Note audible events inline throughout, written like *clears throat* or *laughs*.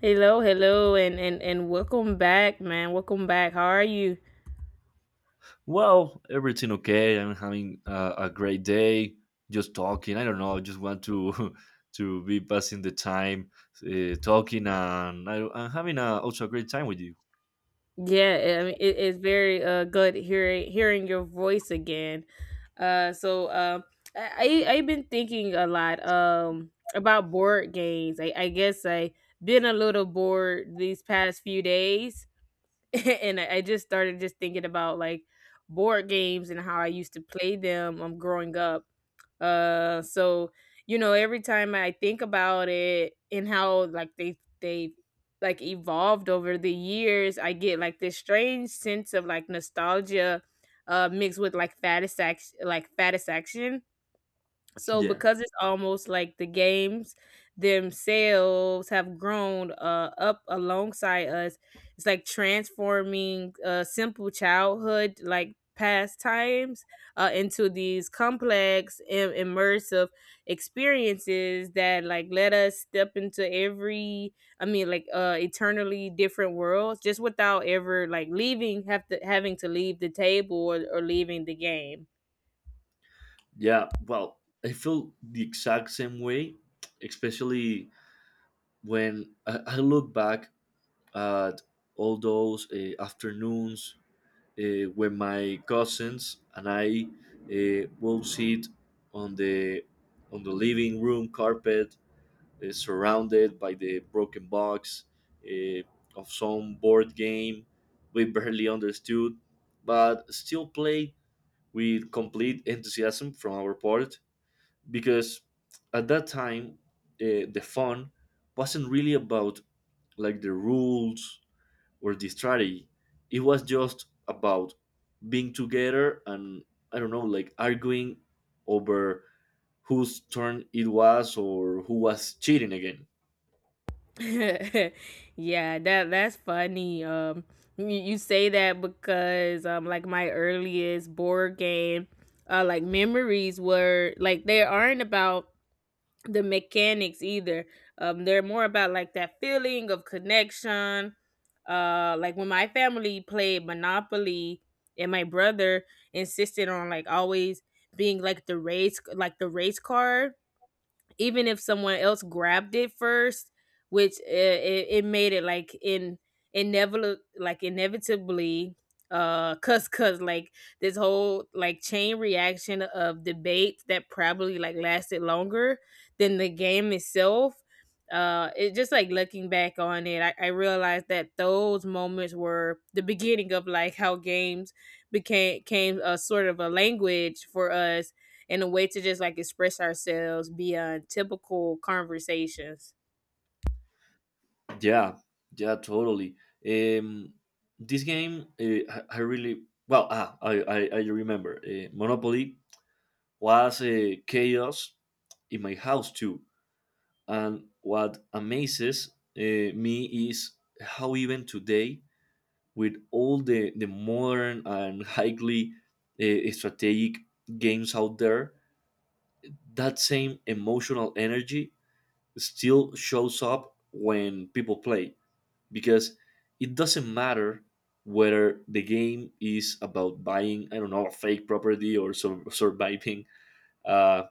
Hello, hello, and welcome back, man. Welcome back. How are you? Well, everything okay. I'm having a great day. Just talking. I don't know. I just want to *laughs* to be passing the time, talking, and I'm having also a great time with you. *laughs* Yeah, I mean, it's very good hearing your voice again. Uh, so um, I've been thinking a lot about board games. I guess I been a little bored these past few days. *laughs* And I just started just thinking about like board games and how I used to play them growing up. Uh so you know, every time I think about it and how like they like evolved over the years, I get like this strange sense of like nostalgia mixed with like fatis like fatisfaction, so Yeah, because it's almost like the games themselves have grown up alongside us. It's like transforming simple childhood like pastimes into these complex and immersive experiences that like let us step into every, I mean, like eternally different worlds just without ever like leaving have to having to leave the table, or leaving the game. yeah. Well, I feel the exact same way, especially when I look back at all those afternoons when my cousins and I will sit on the on the living room carpet surrounded by the broken box uh, of some board game we barely understood, but still played with complete enthusiasm from our part because at that time the fun wasn't really about like the rules or the strategy. It was just about being together and, I don't know, like arguing over whose turn it was or who was cheating again. *laughs* Yeah, that's funny. You say that because like my earliest board game, like memories were like they aren't about the mechanics either. They're more about like that feeling of connection. Like when my family played Monopoly, and my brother insisted on like always being like the race car even if someone else grabbed it first, which it made it like in inevitable, like inevitably cause like this whole like chain reaction of debates that probably like lasted longer than the game itself. It just like, looking back on it, I realized that those moments were the beginning of like how games became came a sort of a language for us, and a way to just like express ourselves beyond typical conversations. Yeah, yeah, totally. Um, this game, I really well. I remember Monopoly was chaos in my house too. And what amazes me is how even today, with all the modern and highly strategic games out there, that same emotional energy still shows up when people play, because it doesn't matter whether the game is about buying, I don't know, a fake property or surviving uh,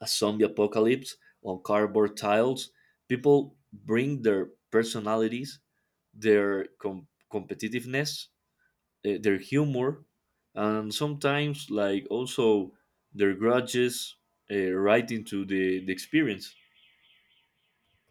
a zombie apocalypse on cardboard tiles. People bring their personalities, their competitiveness, their humor, and sometimes like also their grudges right into the experience.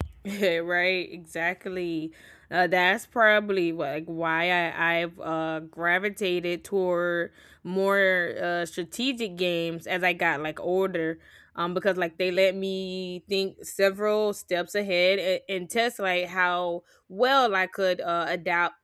*laughs* Right, exactly. That's probably like why I've gravitated toward more strategic games as I got like older, because like they let me think several steps ahead and test like how well I could adapt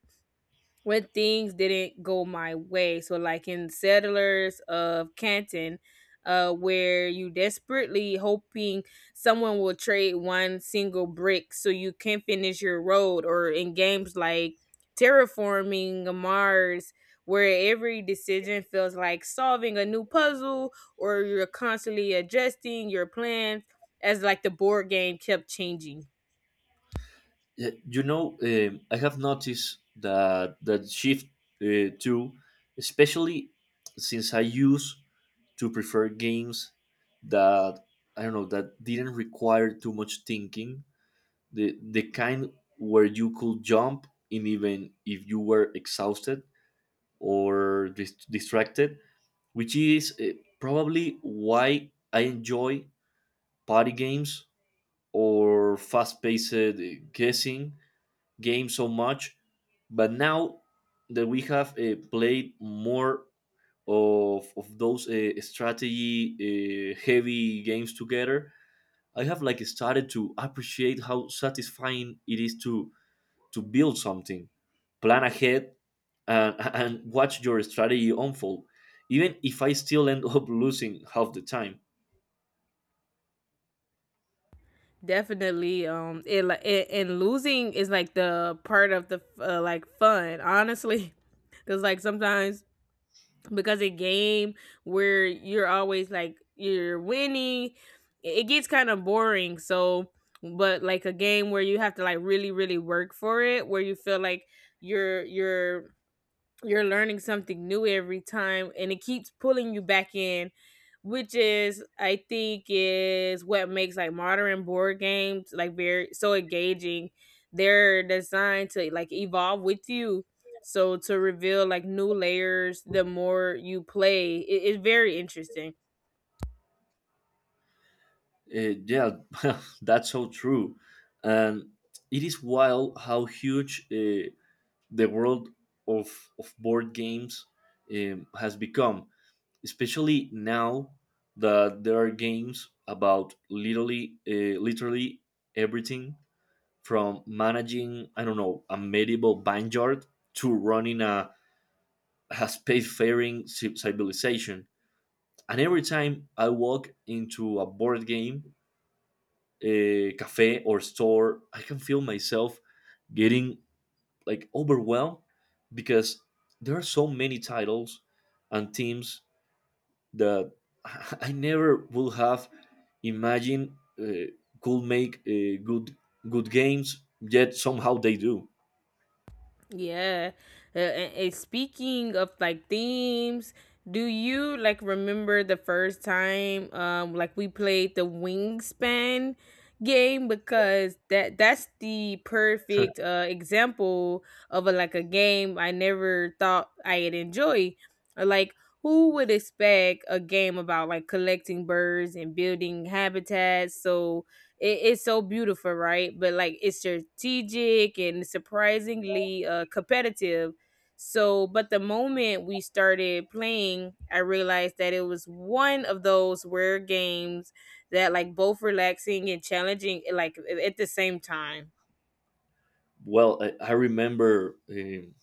when things didn't go my way. So, like in Settlers of Canton, where you desperately hoping someone will trade one single brick so you can finish your road, or in games like Terraforming Mars, where every decision feels like solving a new puzzle, or you're constantly adjusting your plans as like the board game kept changing. Yeah, you know, I have noticed that that shift too, especially since I used to prefer games that, I don't know, that didn't require too much thinking. The kind where you could jump in even if you were exhausted or distracted, which is probably why I enjoy party games or fast-paced guessing game so much, but now that we have played more of those strategy heavy games together, I have like started to appreciate how satisfying it is to build something, plan ahead, and watch your strategy unfold, even if I still end up *laughs* losing half the time. Definitely. It like it, and losing is like the part of the like fun, honestly, *laughs* because like sometimes, because a game where you're always like you're winning, it gets kind of boring. So, but like a game where you have to like really work for it, where you feel like you're you're learning something new every time and it keeps pulling you back in, which is, I think, is what makes like modern board games like very so engaging. They're designed to like evolve with you, so to reveal like new layers the more you play it. It's very interesting. Yeah, *laughs* that's so true, and it is wild how huge. The world of of board games has become, especially now that there are games about literally literally everything, from managing, I don't know, a medieval vineyard to running a spacefaring civilization. And every time I walk into a board game, a cafe or store, I can feel myself getting like overwhelmed because there are so many titles and teams that *laughs* I never would have imagined uh, could make good games. Yet somehow they do. Yeah. And speaking of like themes, do you like remember the first time like we played the wingspan game, because that's the perfect example of a, like a game I never thought I'd enjoy. Like who would expect a game about like collecting birds and building habitats, so it's so beautiful, right? But like it's strategic and surprisingly competitive. So, but the moment we started playing, I realized that it was one of those rare games that like both relaxing and challenging, like at the same time. Well, I remember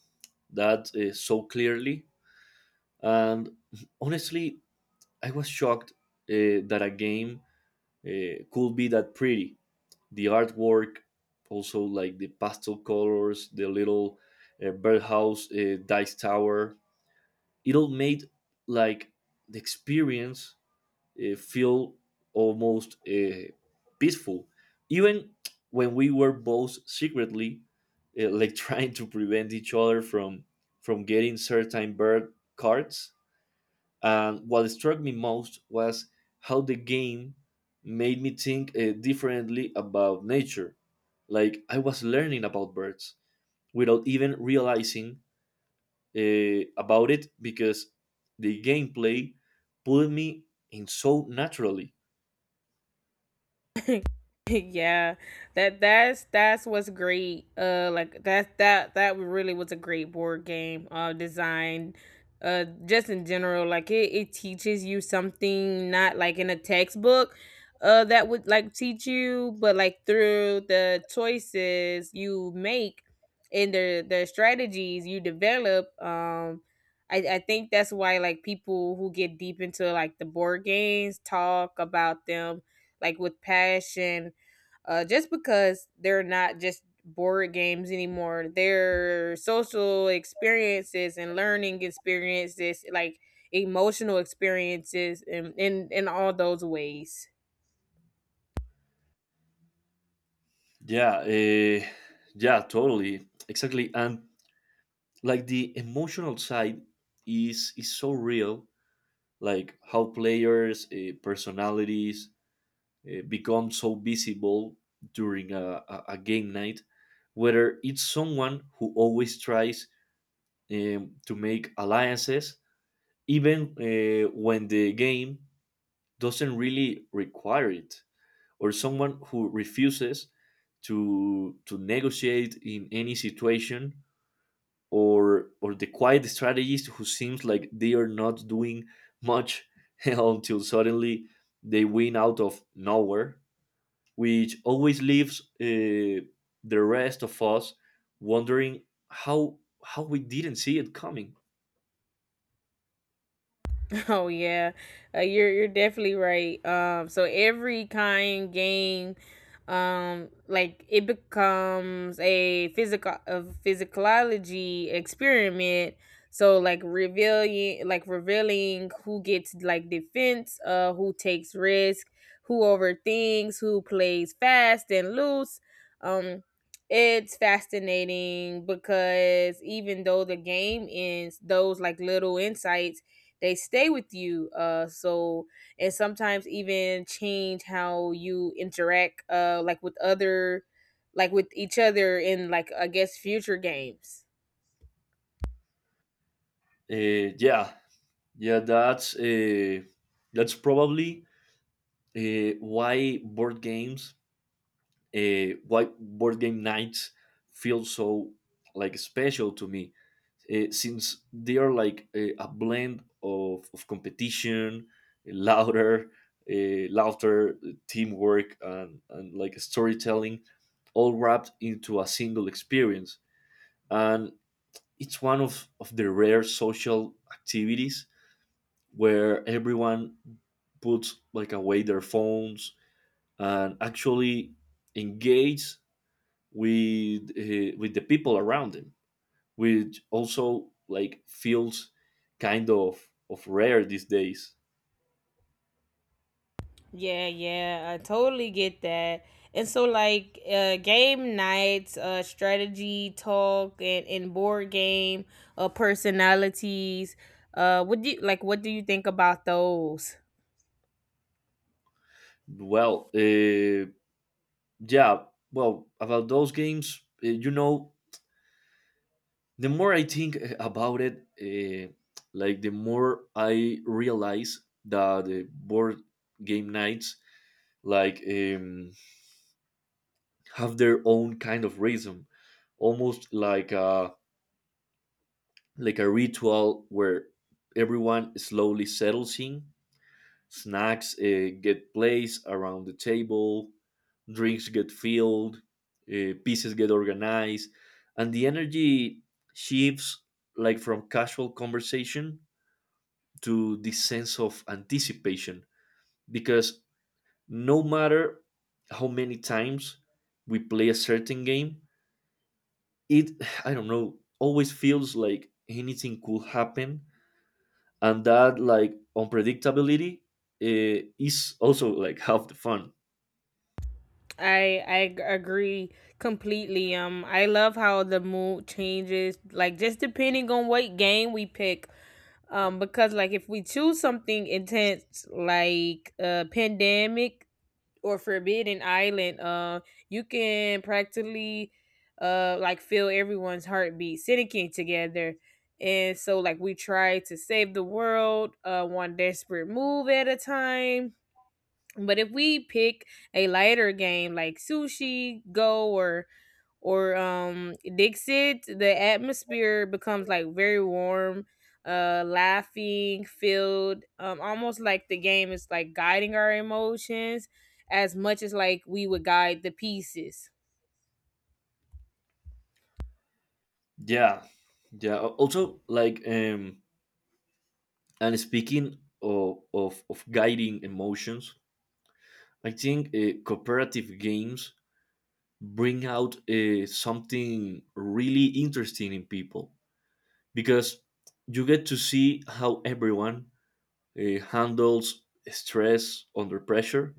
that so clearly, and honestly, I was shocked that a game could be that pretty. The artwork, also like the pastel colors, the little birdhouse dice tower. It all made like the experience feel almost peaceful, even when we were both secretly like *laughs* trying to prevent each other from getting certain bird cards. And what struck me most was how the game made me think differently about nature. Like, I was learning about birds without even realizing about it, because the gameplay pulled me in so naturally. *laughs* Yeah, that's what's great, like that really was a great board game design, just in general, like it teaches you something not like in a textbook that would like teach you, but like through the choices you make and the strategies you develop. I think that's why like people who get deep into like the board games talk about them like with passion, just because they're not just board games anymore. Their social experiences and learning experiences, like emotional experiences, and in all those ways. Yeah, yeah, totally, exactly. And like the emotional side is so real. Like how players' personalities become so visible during a game night, whether it's someone who always tries to make alliances, even when the game doesn't really require it, or someone who refuses to negotiate in any situation, or the quiet strategist who seems like they are not doing much *laughs* until suddenly they win out of nowhere, which always leaves the rest of us wondering how we didn't see it coming. *laughs* Oh yeah, you're definitely right. So every kind game, like it becomes a physical, a physicalology experiment. So like revealing who gets like defense, who takes risk, who overthinks, who plays fast and loose. Um, it's fascinating because even though the game ends, those like little insights, they stay with you, so, and sometimes even change how you interact like with other, like with each other in, like, I guess, future games. Uh, yeah, yeah, that's probably uh, why board games why board game nights feel so like special to me since they are like a blend of competition, louder laughter, teamwork, and like storytelling, all wrapped into a single experience. And it's one of the rare social activities where everyone puts like away their phones and actually engage with the people around him, which also like feels kind of rare these days. Yeah, yeah, I totally get that. And so like, game nights, strategy talk, and board game personalities, what do you like, what do you think about those? Well, yeah, well, about those games, you know, the more I think, about it, like the more I realize that the board game nights like have their own kind of rhythm, almost like a ritual where everyone slowly settles in. Snacks get placed around the table, drinks get filled, pieces get organized, and the energy shifts like from casual conversation to this sense of anticipation. Because no matter how many times we play a certain game, it *sighs* I don't know, always feels like anything could happen, and that like unpredictability is also like half the fun. Agree completely. I love how the mood changes, like just depending on what game we pick. Because like if we choose something intense, like pandemic or Forbidden Island, you can practically, like feel everyone's heartbeat sinking together. And so, like, we try to save the world, one desperate move at a time. But if we pick a lighter game like Sushi Go or Dixit, the atmosphere becomes like very warm, laughing, filled, almost like the game is like guiding our emotions as much as like we would guide the pieces. Yeah, yeah. Also, like, and speaking of guiding emotions, I think cooperative games bring out something really interesting in people, because you get to see how everyone handles stress under pressure,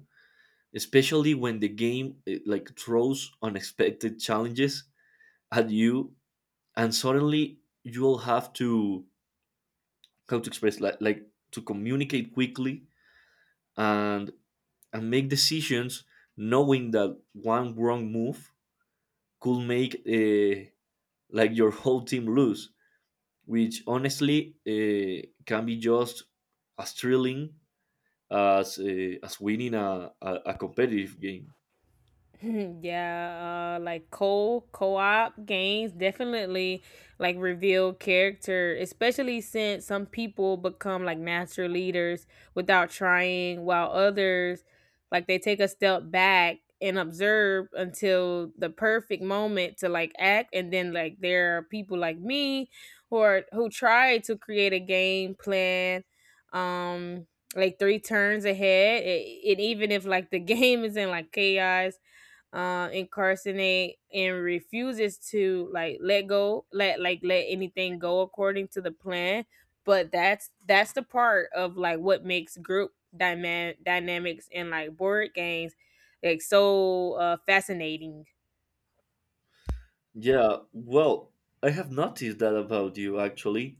especially when the game like throws unexpected challenges at you, and suddenly you'll have to, how to express like to communicate quickly and and make decisions knowing that one wrong move could make like your whole team lose, which honestly can be just as thrilling as winning a competitive game. *laughs* Yeah, like co co-op games definitely like reveal character, especially since some people become like natural leaders without trying, while others like they take a step back and observe until the perfect moment to like act. And then like there are people like me who are who try to create a game plan, um like three turns ahead, and even if like the *laughs* game is in like chaos, incarcerate and refuses to like let go, let like let anything go according to the plan. But that's the part of like what makes group dynamics and like board games like so fascinating. Yeah, well, I have noticed that about you actually.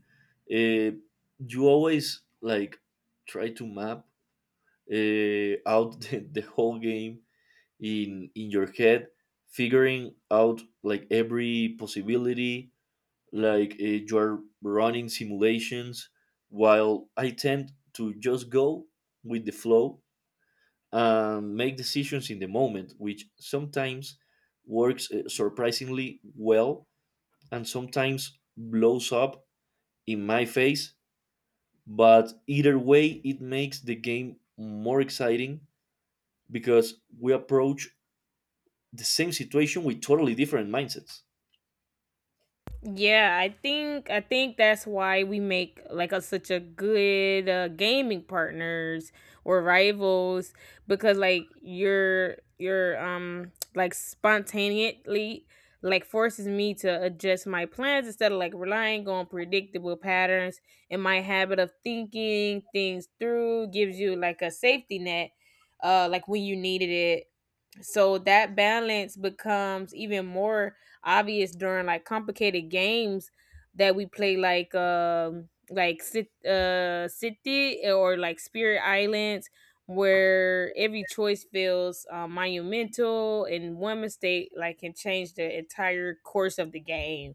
Uh, you always like try to map out *laughs* the whole game in your head, figuring out like every possibility. Like, you are running simulations, while I tend to just go with the flow and make decisions in the moment, which sometimes works surprisingly well and sometimes blows up in my face. But either way, it makes the game more exciting, because we approach the same situation with totally different mindsets. Yeah, I think that's why we make like a, such a good gaming partners or rivals, because like your like spontaneously, like forces me to adjust my plans instead of like relying on predictable patterns, and my habit of thinking things through gives you like a safety net like when you needed it. So that balance becomes even more obvious during like complicated games that we play, like sit city, or like spirit islands, where every choice feels monumental and one mistake like can change the entire course of the game.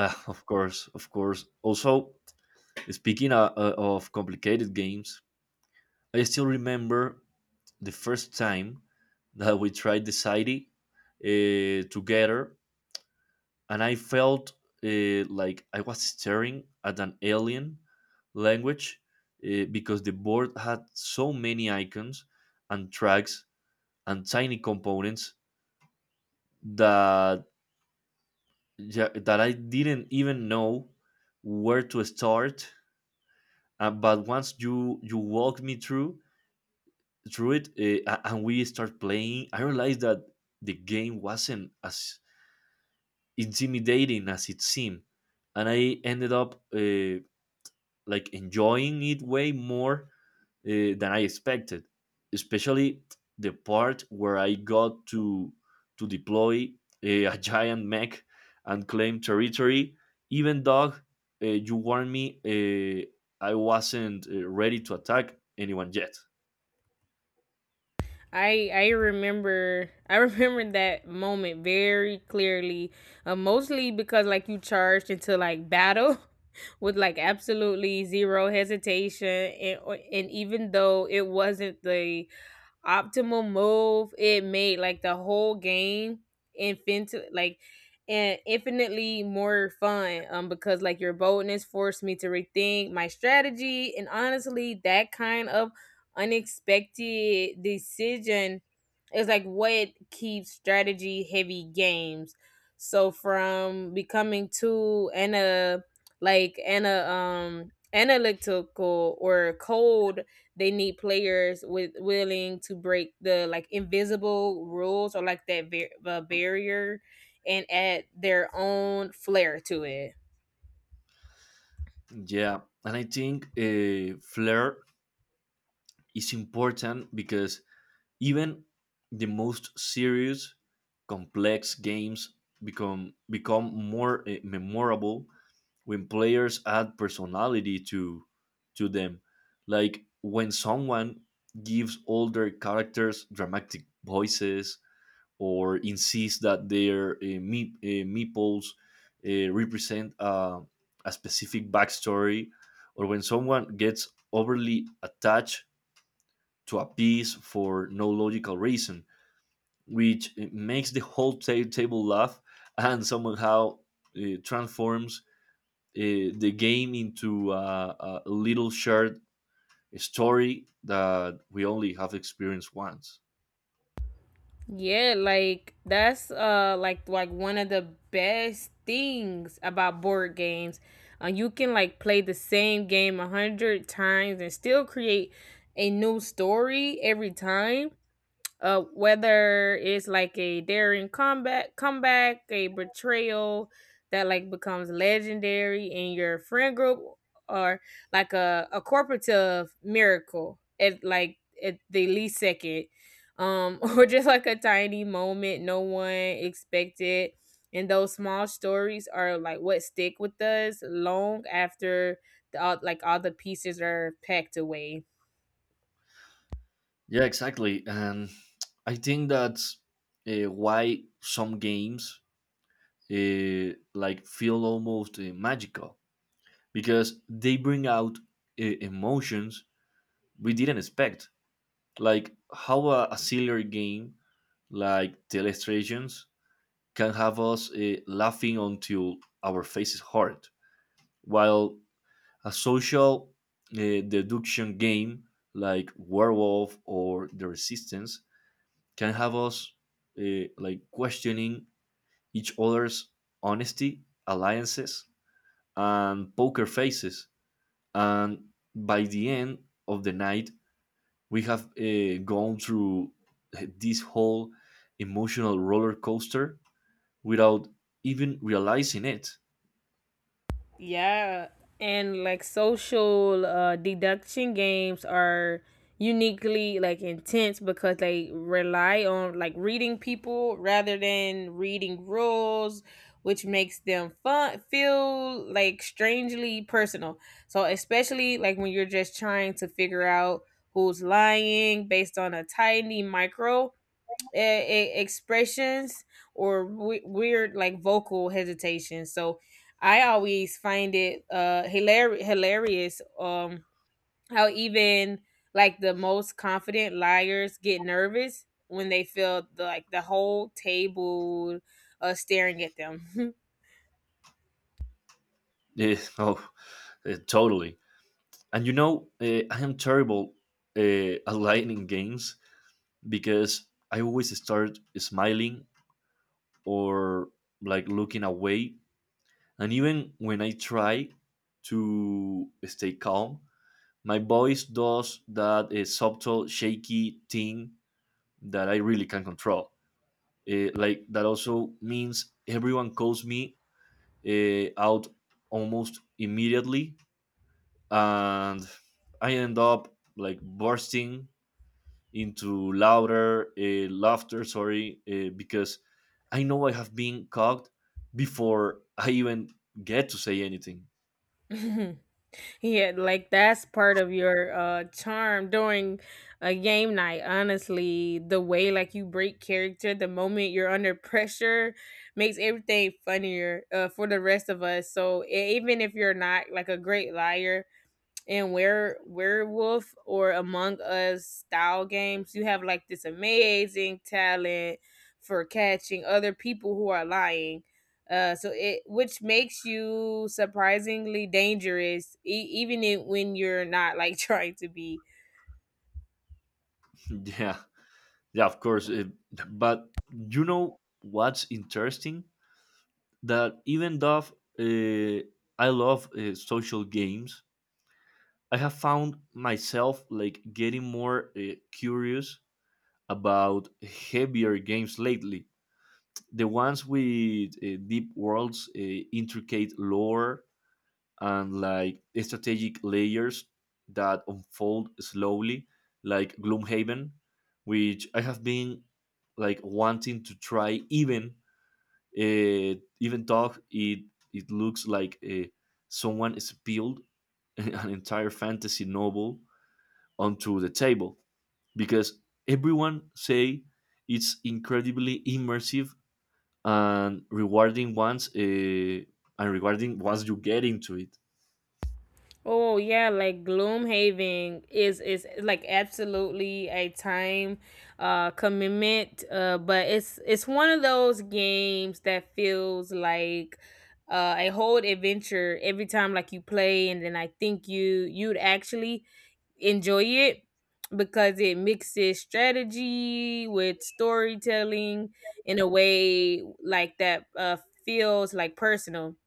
Of course, of course. Also, speaking of complicated games, I still remember the first time that we tried the Society together, and I felt like I was staring at an alien language because the board had so many icons and tracks and tiny components that that I didn't even know where to start. But once you walked me through it, and we start playing, I realized that the game wasn't as intimidating as it seemed, and I ended up. Like enjoying it way more uh, than I expected, especially the part where I got to deploy a giant mech and claim territory. Even though you warned me, I wasn't ready to attack anyone yet. I remember I *laughs* remember that moment very clearly, mostly because like you charged into like battle *laughs* with like absolutely zero hesitation, and even though it wasn't the optimal move, it made like the whole game infinite like and infinitely more fun, because like your boldness forced me to rethink my strategy. And honestly, that kind of unexpected decision is like what keeps strategy heavy games so from becoming too ana like analytical or cold. They need players with willing to break the like invisible rules or like that barrier and add their own flair to it. Yeah, and I think flair is important because even the most serious, complex games become more memorable when players add personality to them. Like when someone gives older characters dramatic voices or insists that their meeples represent a specific backstory, or when someone gets overly attached to a piece for no logical reason, which makes the whole table laugh and somehow transforms uh, the game into a little shared story that we only have experienced once. Yeah, like that's like one of the best things about board games. You can like play the same game a hundred times and still create a new story every time, whether it's like a daring comeback, a betrayal that like becomes legendary in your friend group, or like a corporative miracle at like at the least second, *laughs* or just like a tiny moment no one expected. And those small stories are like what stick with us long after like all the pieces are packed away. Yeah, exactly. And I think that's why some games like feel almost magical, because they bring out emotions we didn't expect. Like how a sillier game like Telestrations can have us laughing until our faces hurt, while a social deduction game like Werewolf or The Resistance can have us like questioning each other's honesty, alliances, and poker faces. And by the end of the night, we have gone through this whole emotional roller coaster without even realizing it. Yeah, and like social deduction games are uniquely like intense because they rely on like reading people rather than reading rules, which makes them fun feel like strangely personal. So especially like when you're just trying to figure out who's lying based on a tiny micro expressions or weird like vocal hesitation. So I always find it hilarious, how even like the most confident liars get nervous when they feel like the whole table staring at them. Yeah, *laughs* oh, totally. And you know, I am terrible uh, at lying in games because I always start smiling or like looking away. And even when I try to stay calm, my voice does that subtle, shaky thing that I really can't control. Like, that also means everyone calls me out almost immediately, and I end up like bursting into louder laughter. Sorry, because I know I have been caught before I even get to say anything. *laughs* *laughs* Yeah, like that's part of your charm during a game night. Honestly, the way like you break character the moment you're under pressure makes everything funnier, for the rest of us. So even if you're not like a great liar, in Werewolf or Among Us style games, you have like this amazing talent for catching other people who are lying. It which makes you surprisingly dangerous, when you're not like *laughs* trying to be. Yeah, yeah, of course. But you know what's interesting? That even though uh, I love social games, I have found myself like getting more curious about heavier games lately, the ones with deep worlds, intricate lore, and like strategic layers that unfold slowly, like Gloomhaven, which I have been like wanting to try. Even though it looks like someone spilled *laughs* an entire fantasy novel onto the table because everyone say it's incredibly immersive and rewarding once you get into it. Oh yeah, like Gloomhaven is like absolutely a time commitment. But it's one of those games that feels like a whole adventure every time like you play, and then I think you'd actually enjoy it because it mixes strategy with storytelling in a way like that feels like personal,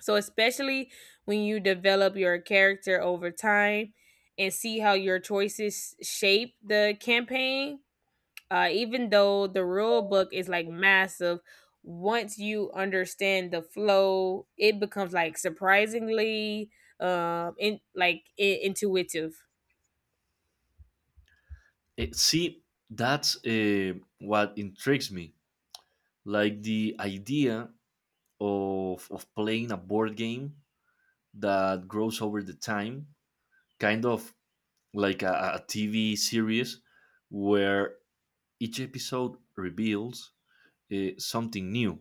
so especially when you develop your character over time and see how your choices shape the campaign, even though the rule book is like massive, once you understand the flow, it becomes like surprisingly intuitive. See, that's what intrigues me, like the idea of playing a board game that grows over the time, kind of like a, TV series where each episode reveals something new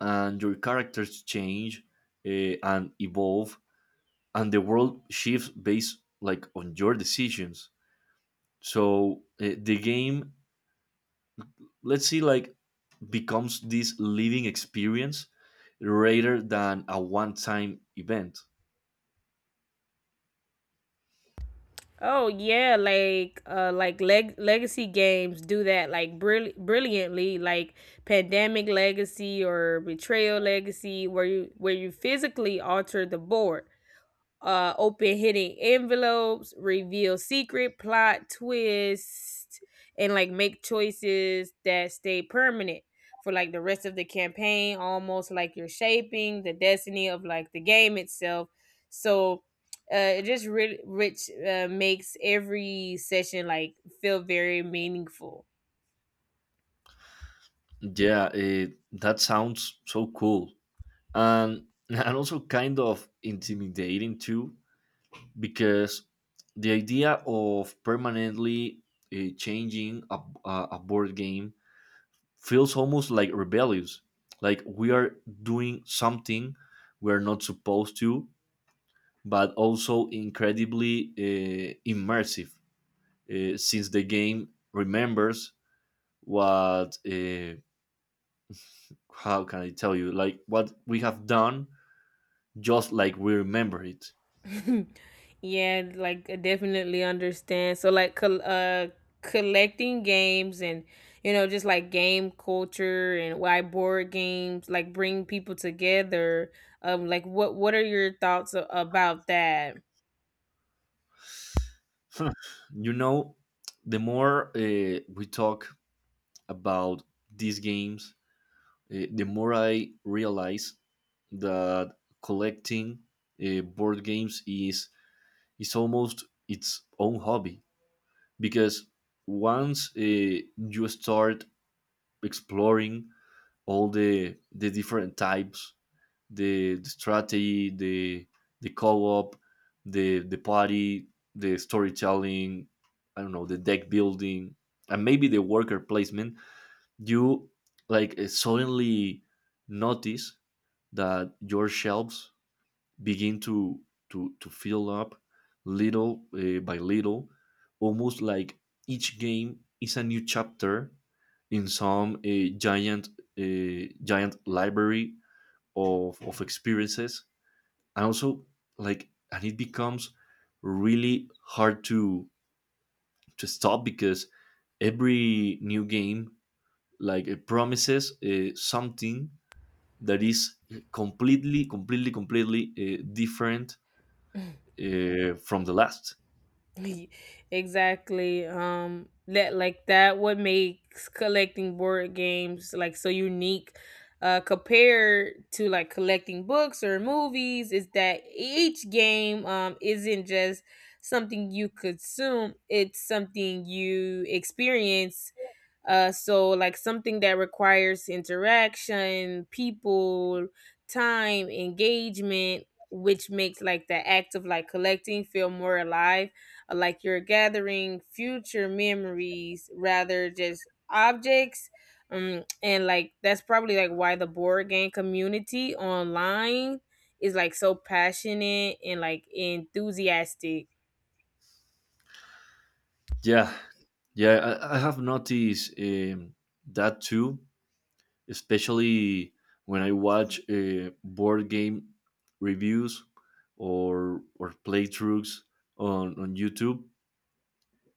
and your characters change and evolve and the world shifts based like on your decisions, so the game, let's see like becomes this living experience rather than a one-time event. Oh yeah, like legacy games do that like brilliantly, like Pandemic Legacy or Betrayal Legacy, where you physically alter the board, open hidden envelopes, reveal secret plot twists, and like make choices that stay permanent for like the rest of the campaign, almost like you're shaping the destiny of like the game itself. So it just ri- rich makes every session like feel very meaningful. Yeah, that sounds so cool and *laughs* and also kind of intimidating too because the idea of permanently changing a board game feels almost like rebellious, like we are doing something we are not supposed to, but also incredibly immersive since the game remembers what how can I tell you like what we have done, just like we remember it. *laughs* Yeah, like I definitely understand. So like collecting games and you know just like game culture and why board games like bring people together. Like what are your thoughts about that? *laughs* You know, the more we talk about these games. The more I realize that collecting board games is almost its own hobby because once you start exploring all the different types, the strategy, the co-op, the party, the storytelling, I don't know, the deck building, and maybe the worker placement, you like suddenly notice that your shelves begin to fill up little by little, almost like each game is a new chapter in some giant library of experiences. And also like and it becomes really hard to stop because every new game like it promises something that is completely different from the last. *laughs* Exactly. That that what makes collecting board games like so unique, compared to like collecting books or movies, is that each game isn't just something you consume; it's something you experience, so like something that requires interaction, people, time, engagement, which makes like the act of like collecting feel more alive, like you're gathering future memories rather just objects. And like that's probably like why the board game community online is like so passionate and like enthusiastic. Yeah, yeah, I have noticed that too, especially when I watch board game reviews or playthroughs on YouTube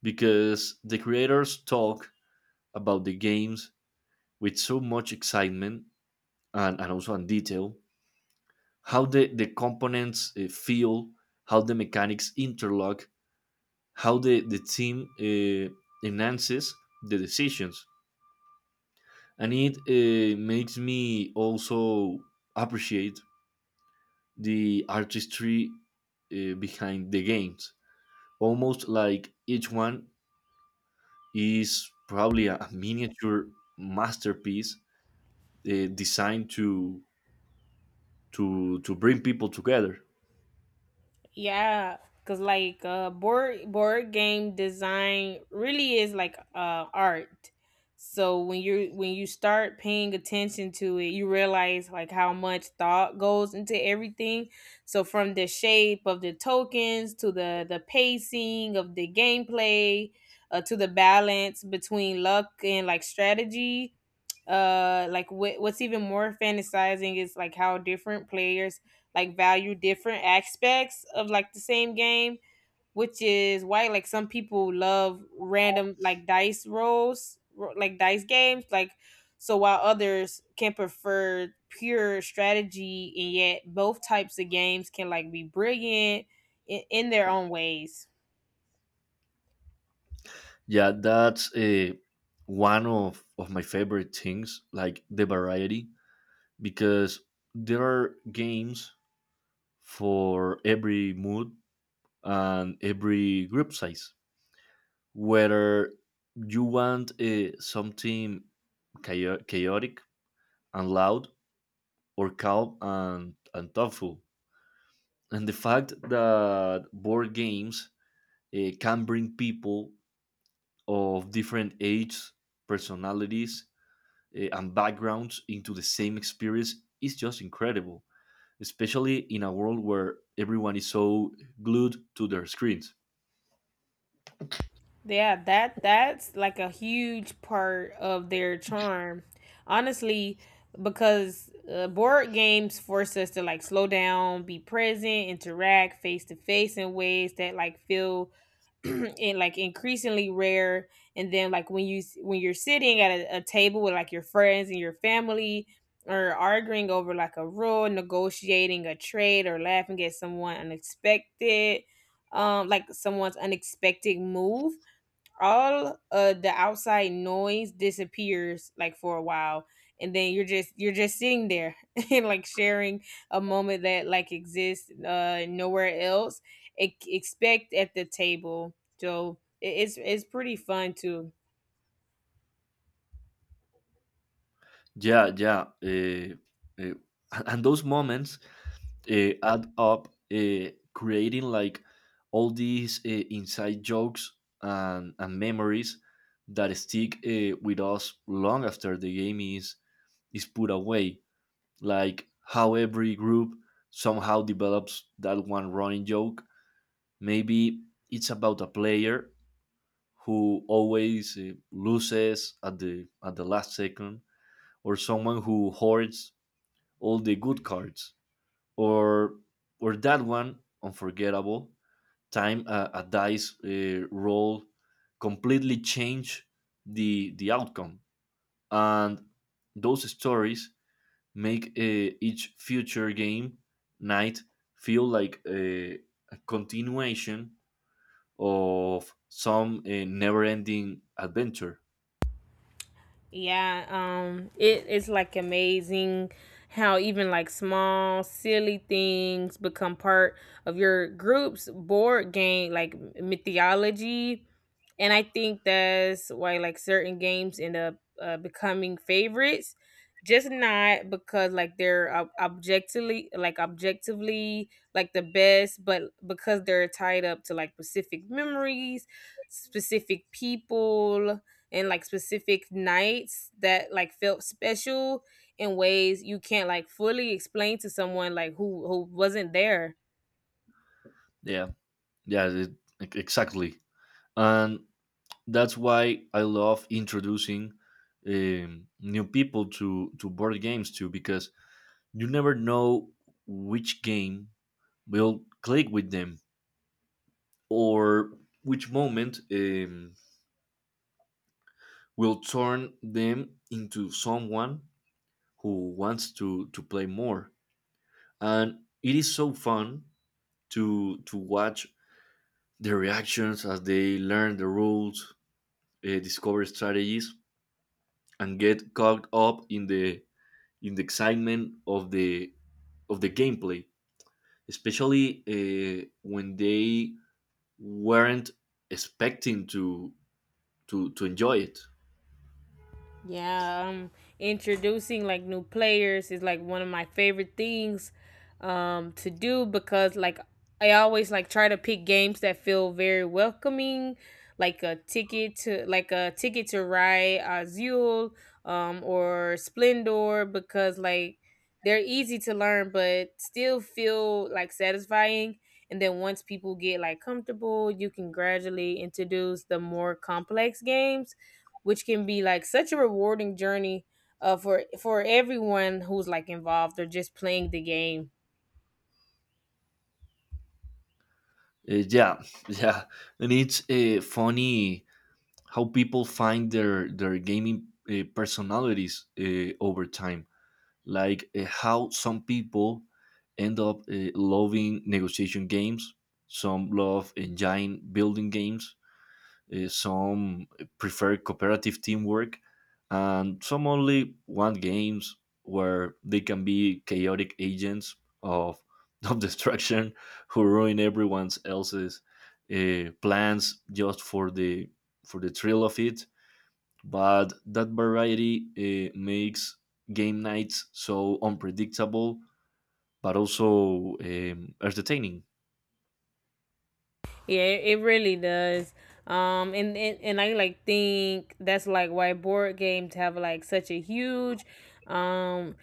because the creators talk about the games with so much excitement and also in detail, how the components feel, how the mechanics interlock, how the team enhances the decisions. And it makes me also appreciate the artistry behind the games. Almost like each one is probably a, miniature masterpiece designed to bring people together. Yeah, cause like board game design really is like art. So when you start paying attention to it, you realize like how much thought goes into everything. So from the shape of the tokens to the pacing of the gameplay, to the balance between luck and like strategy, like what's even more fantasizing is like how different players like value different aspects of like the same game, which is why like some people love random like like dice games like so, while others can prefer pure strategy, and yet both types of games can like be brilliant in their own ways. Yeah, that's one of my favorite things, like the variety, because there are games for every mood and every group size. Whether you want something chaotic and loud, or calm and thoughtful. And the fact that board games can bring people of different ages, personalities, and backgrounds into the same experience is just incredible, especially in a world where everyone is so glued to their screens. Yeah, that that's like a huge part of their charm. Honestly, because board games force us to like slow down, be present, interact face to face in ways that like feel *clears throat* in like increasingly rare. And then like when you're sitting at a table with like your friends and your family or arguing over like a rule, negotiating a trade, or laughing at someone unexpected, someone's unexpected move, all the outside noise disappears like for a while, and then you're just sitting there *laughs* and like sharing a moment that like exists nowhere else expect at the table, so it's pretty fun to. Yeah, yeah. Uh, *laughs* and those moments add up, creating like all these inside jokes and memories that stick with us long after the game is put away. Like how every group somehow develops that one running joke. Maybe it's about a player who always loses at the last second, or someone who hoards all the good cards, or or that one unforgettable time a dice roll completely change the outcome, and those stories make each future game night feel like a continuation of some never-ending adventure. Yeah, it is like amazing how even like small, silly things become part of your group's board game, like mythology. And I think that's why like certain games end up becoming favorites, just not because like they're objectively like the best, but because they're tied up to like specific memories, specific people, and like specific nights that like felt special in ways you can't like fully explain to someone like who wasn't there. Yeah, yeah, it- exactly. And that's why I love introducing new people to board games too, because you never know which game will click with them, or which moment will turn them into someone who wants to play more. And it is so fun to watch their reactions as they learn the rules, discover strategies, and get caught up in the excitement of the gameplay, especially when they weren't expecting to enjoy it. Yeah, introducing like new players is like one of my favorite things to do, because like I always like try to pick games that feel very welcoming, like a ticket to ride, Azul, or Splendor, because like they're easy to learn but still feel like satisfying. And then once people get like comfortable, you can gradually introduce the more complex games, which can be like such a rewarding journey, for everyone who's like involved or just playing the game. Yeah, *laughs* yeah, and it's funny how people find their gaming personalities over time, like how some people end up loving negotiation games, some love engine building games. Some prefer cooperative teamwork, and some only want games where they can be chaotic agents of, *laughs* of destruction who ruin everyone else's plans just for the thrill of it. But that variety makes game nights so unpredictable, but also entertaining. Yeah, it really does. And I like think that's like why board games have like such a huge, um,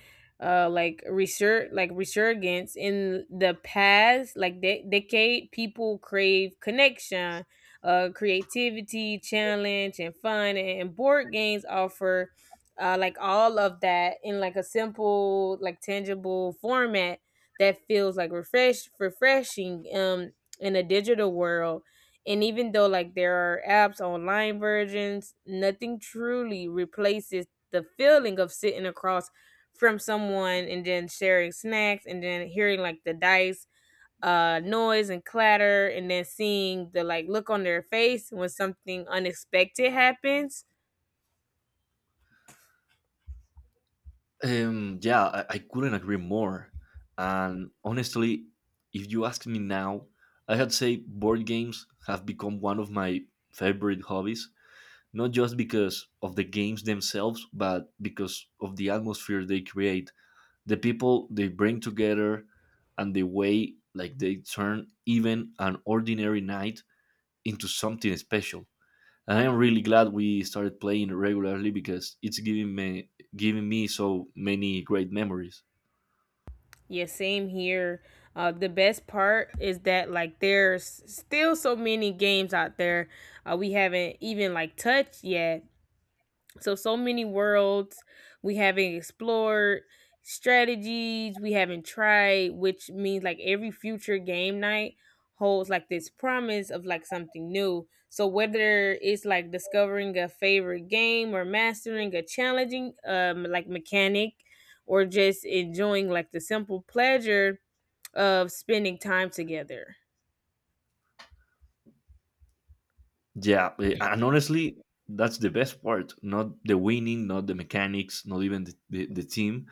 resurgence in the past like decade. People crave connection, creativity, challenge, and fun, and board games offer. Like all of that in like a simple like tangible format that feels like refreshing in a digital world. And even though like there are apps, online versions, nothing truly replaces the feeling of sitting across from someone and then sharing snacks and then hearing like the dice noise and clatter, and then seeing the like look on their face when something unexpected happens. Yeah, I couldn't agree more. And honestly, if you ask me now, I had say board games have become one of my favorite hobbies, not just because of the games themselves, but because of the atmosphere they create, the people they bring together, and the way like they turn even an ordinary night into something special. And I am really glad we started playing regularly because it's giving me so many great memories. Yeah, same here. The best part is that like there's still so many games out there we haven't even like touched yet. So so many worlds we haven't explored, strategies we haven't tried, which means like every future game night holds like this promise of like something new. So whether it's like discovering a favorite game or mastering a challenging like mechanic, or just enjoying like the simple pleasure of spending time together. Yeah, and honestly, that's the best part. Not the winning, not the mechanics, not even the team,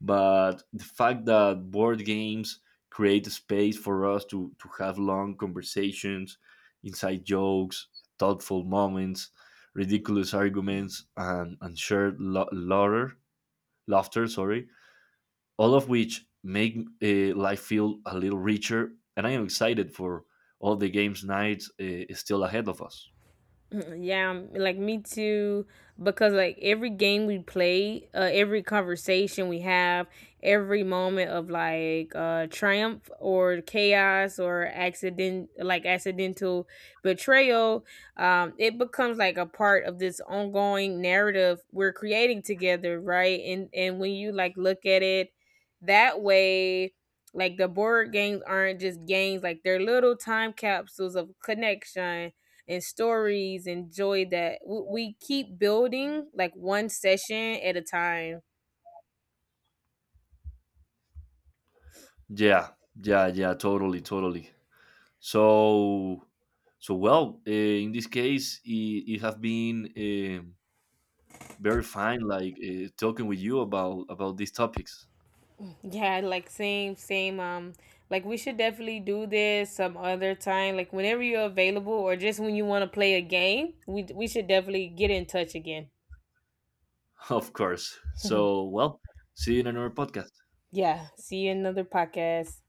but the fact that board games create a space for us to have long conversations, inside jokes, thoughtful moments, ridiculous arguments, and shared laughter, laughter, sorry, all of which make life feel a little richer. And I am excited for all the games nights still ahead of us. *laughs* Yeah, like me too. Because like every game we play, every conversation we have, every moment of like triumph or chaos or accident, like accidental betrayal, it becomes like a part of this ongoing narrative we're creating together, right? And when you like look at it that way, like the board games aren't just games; like they're little time capsules of connection and stories and joy that we keep building like one session at a time. Yeah, yeah, yeah, totally, totally. So, so well, in this case, it have been very fine, like talking with you about these topics. Yeah, like same same, like we should definitely do this some other time, like whenever you're available or just when you want to play a game. We should definitely get in touch again. *laughs* Of course. So, *laughs* well, see you in another podcast. Yeah, see you in another podcast.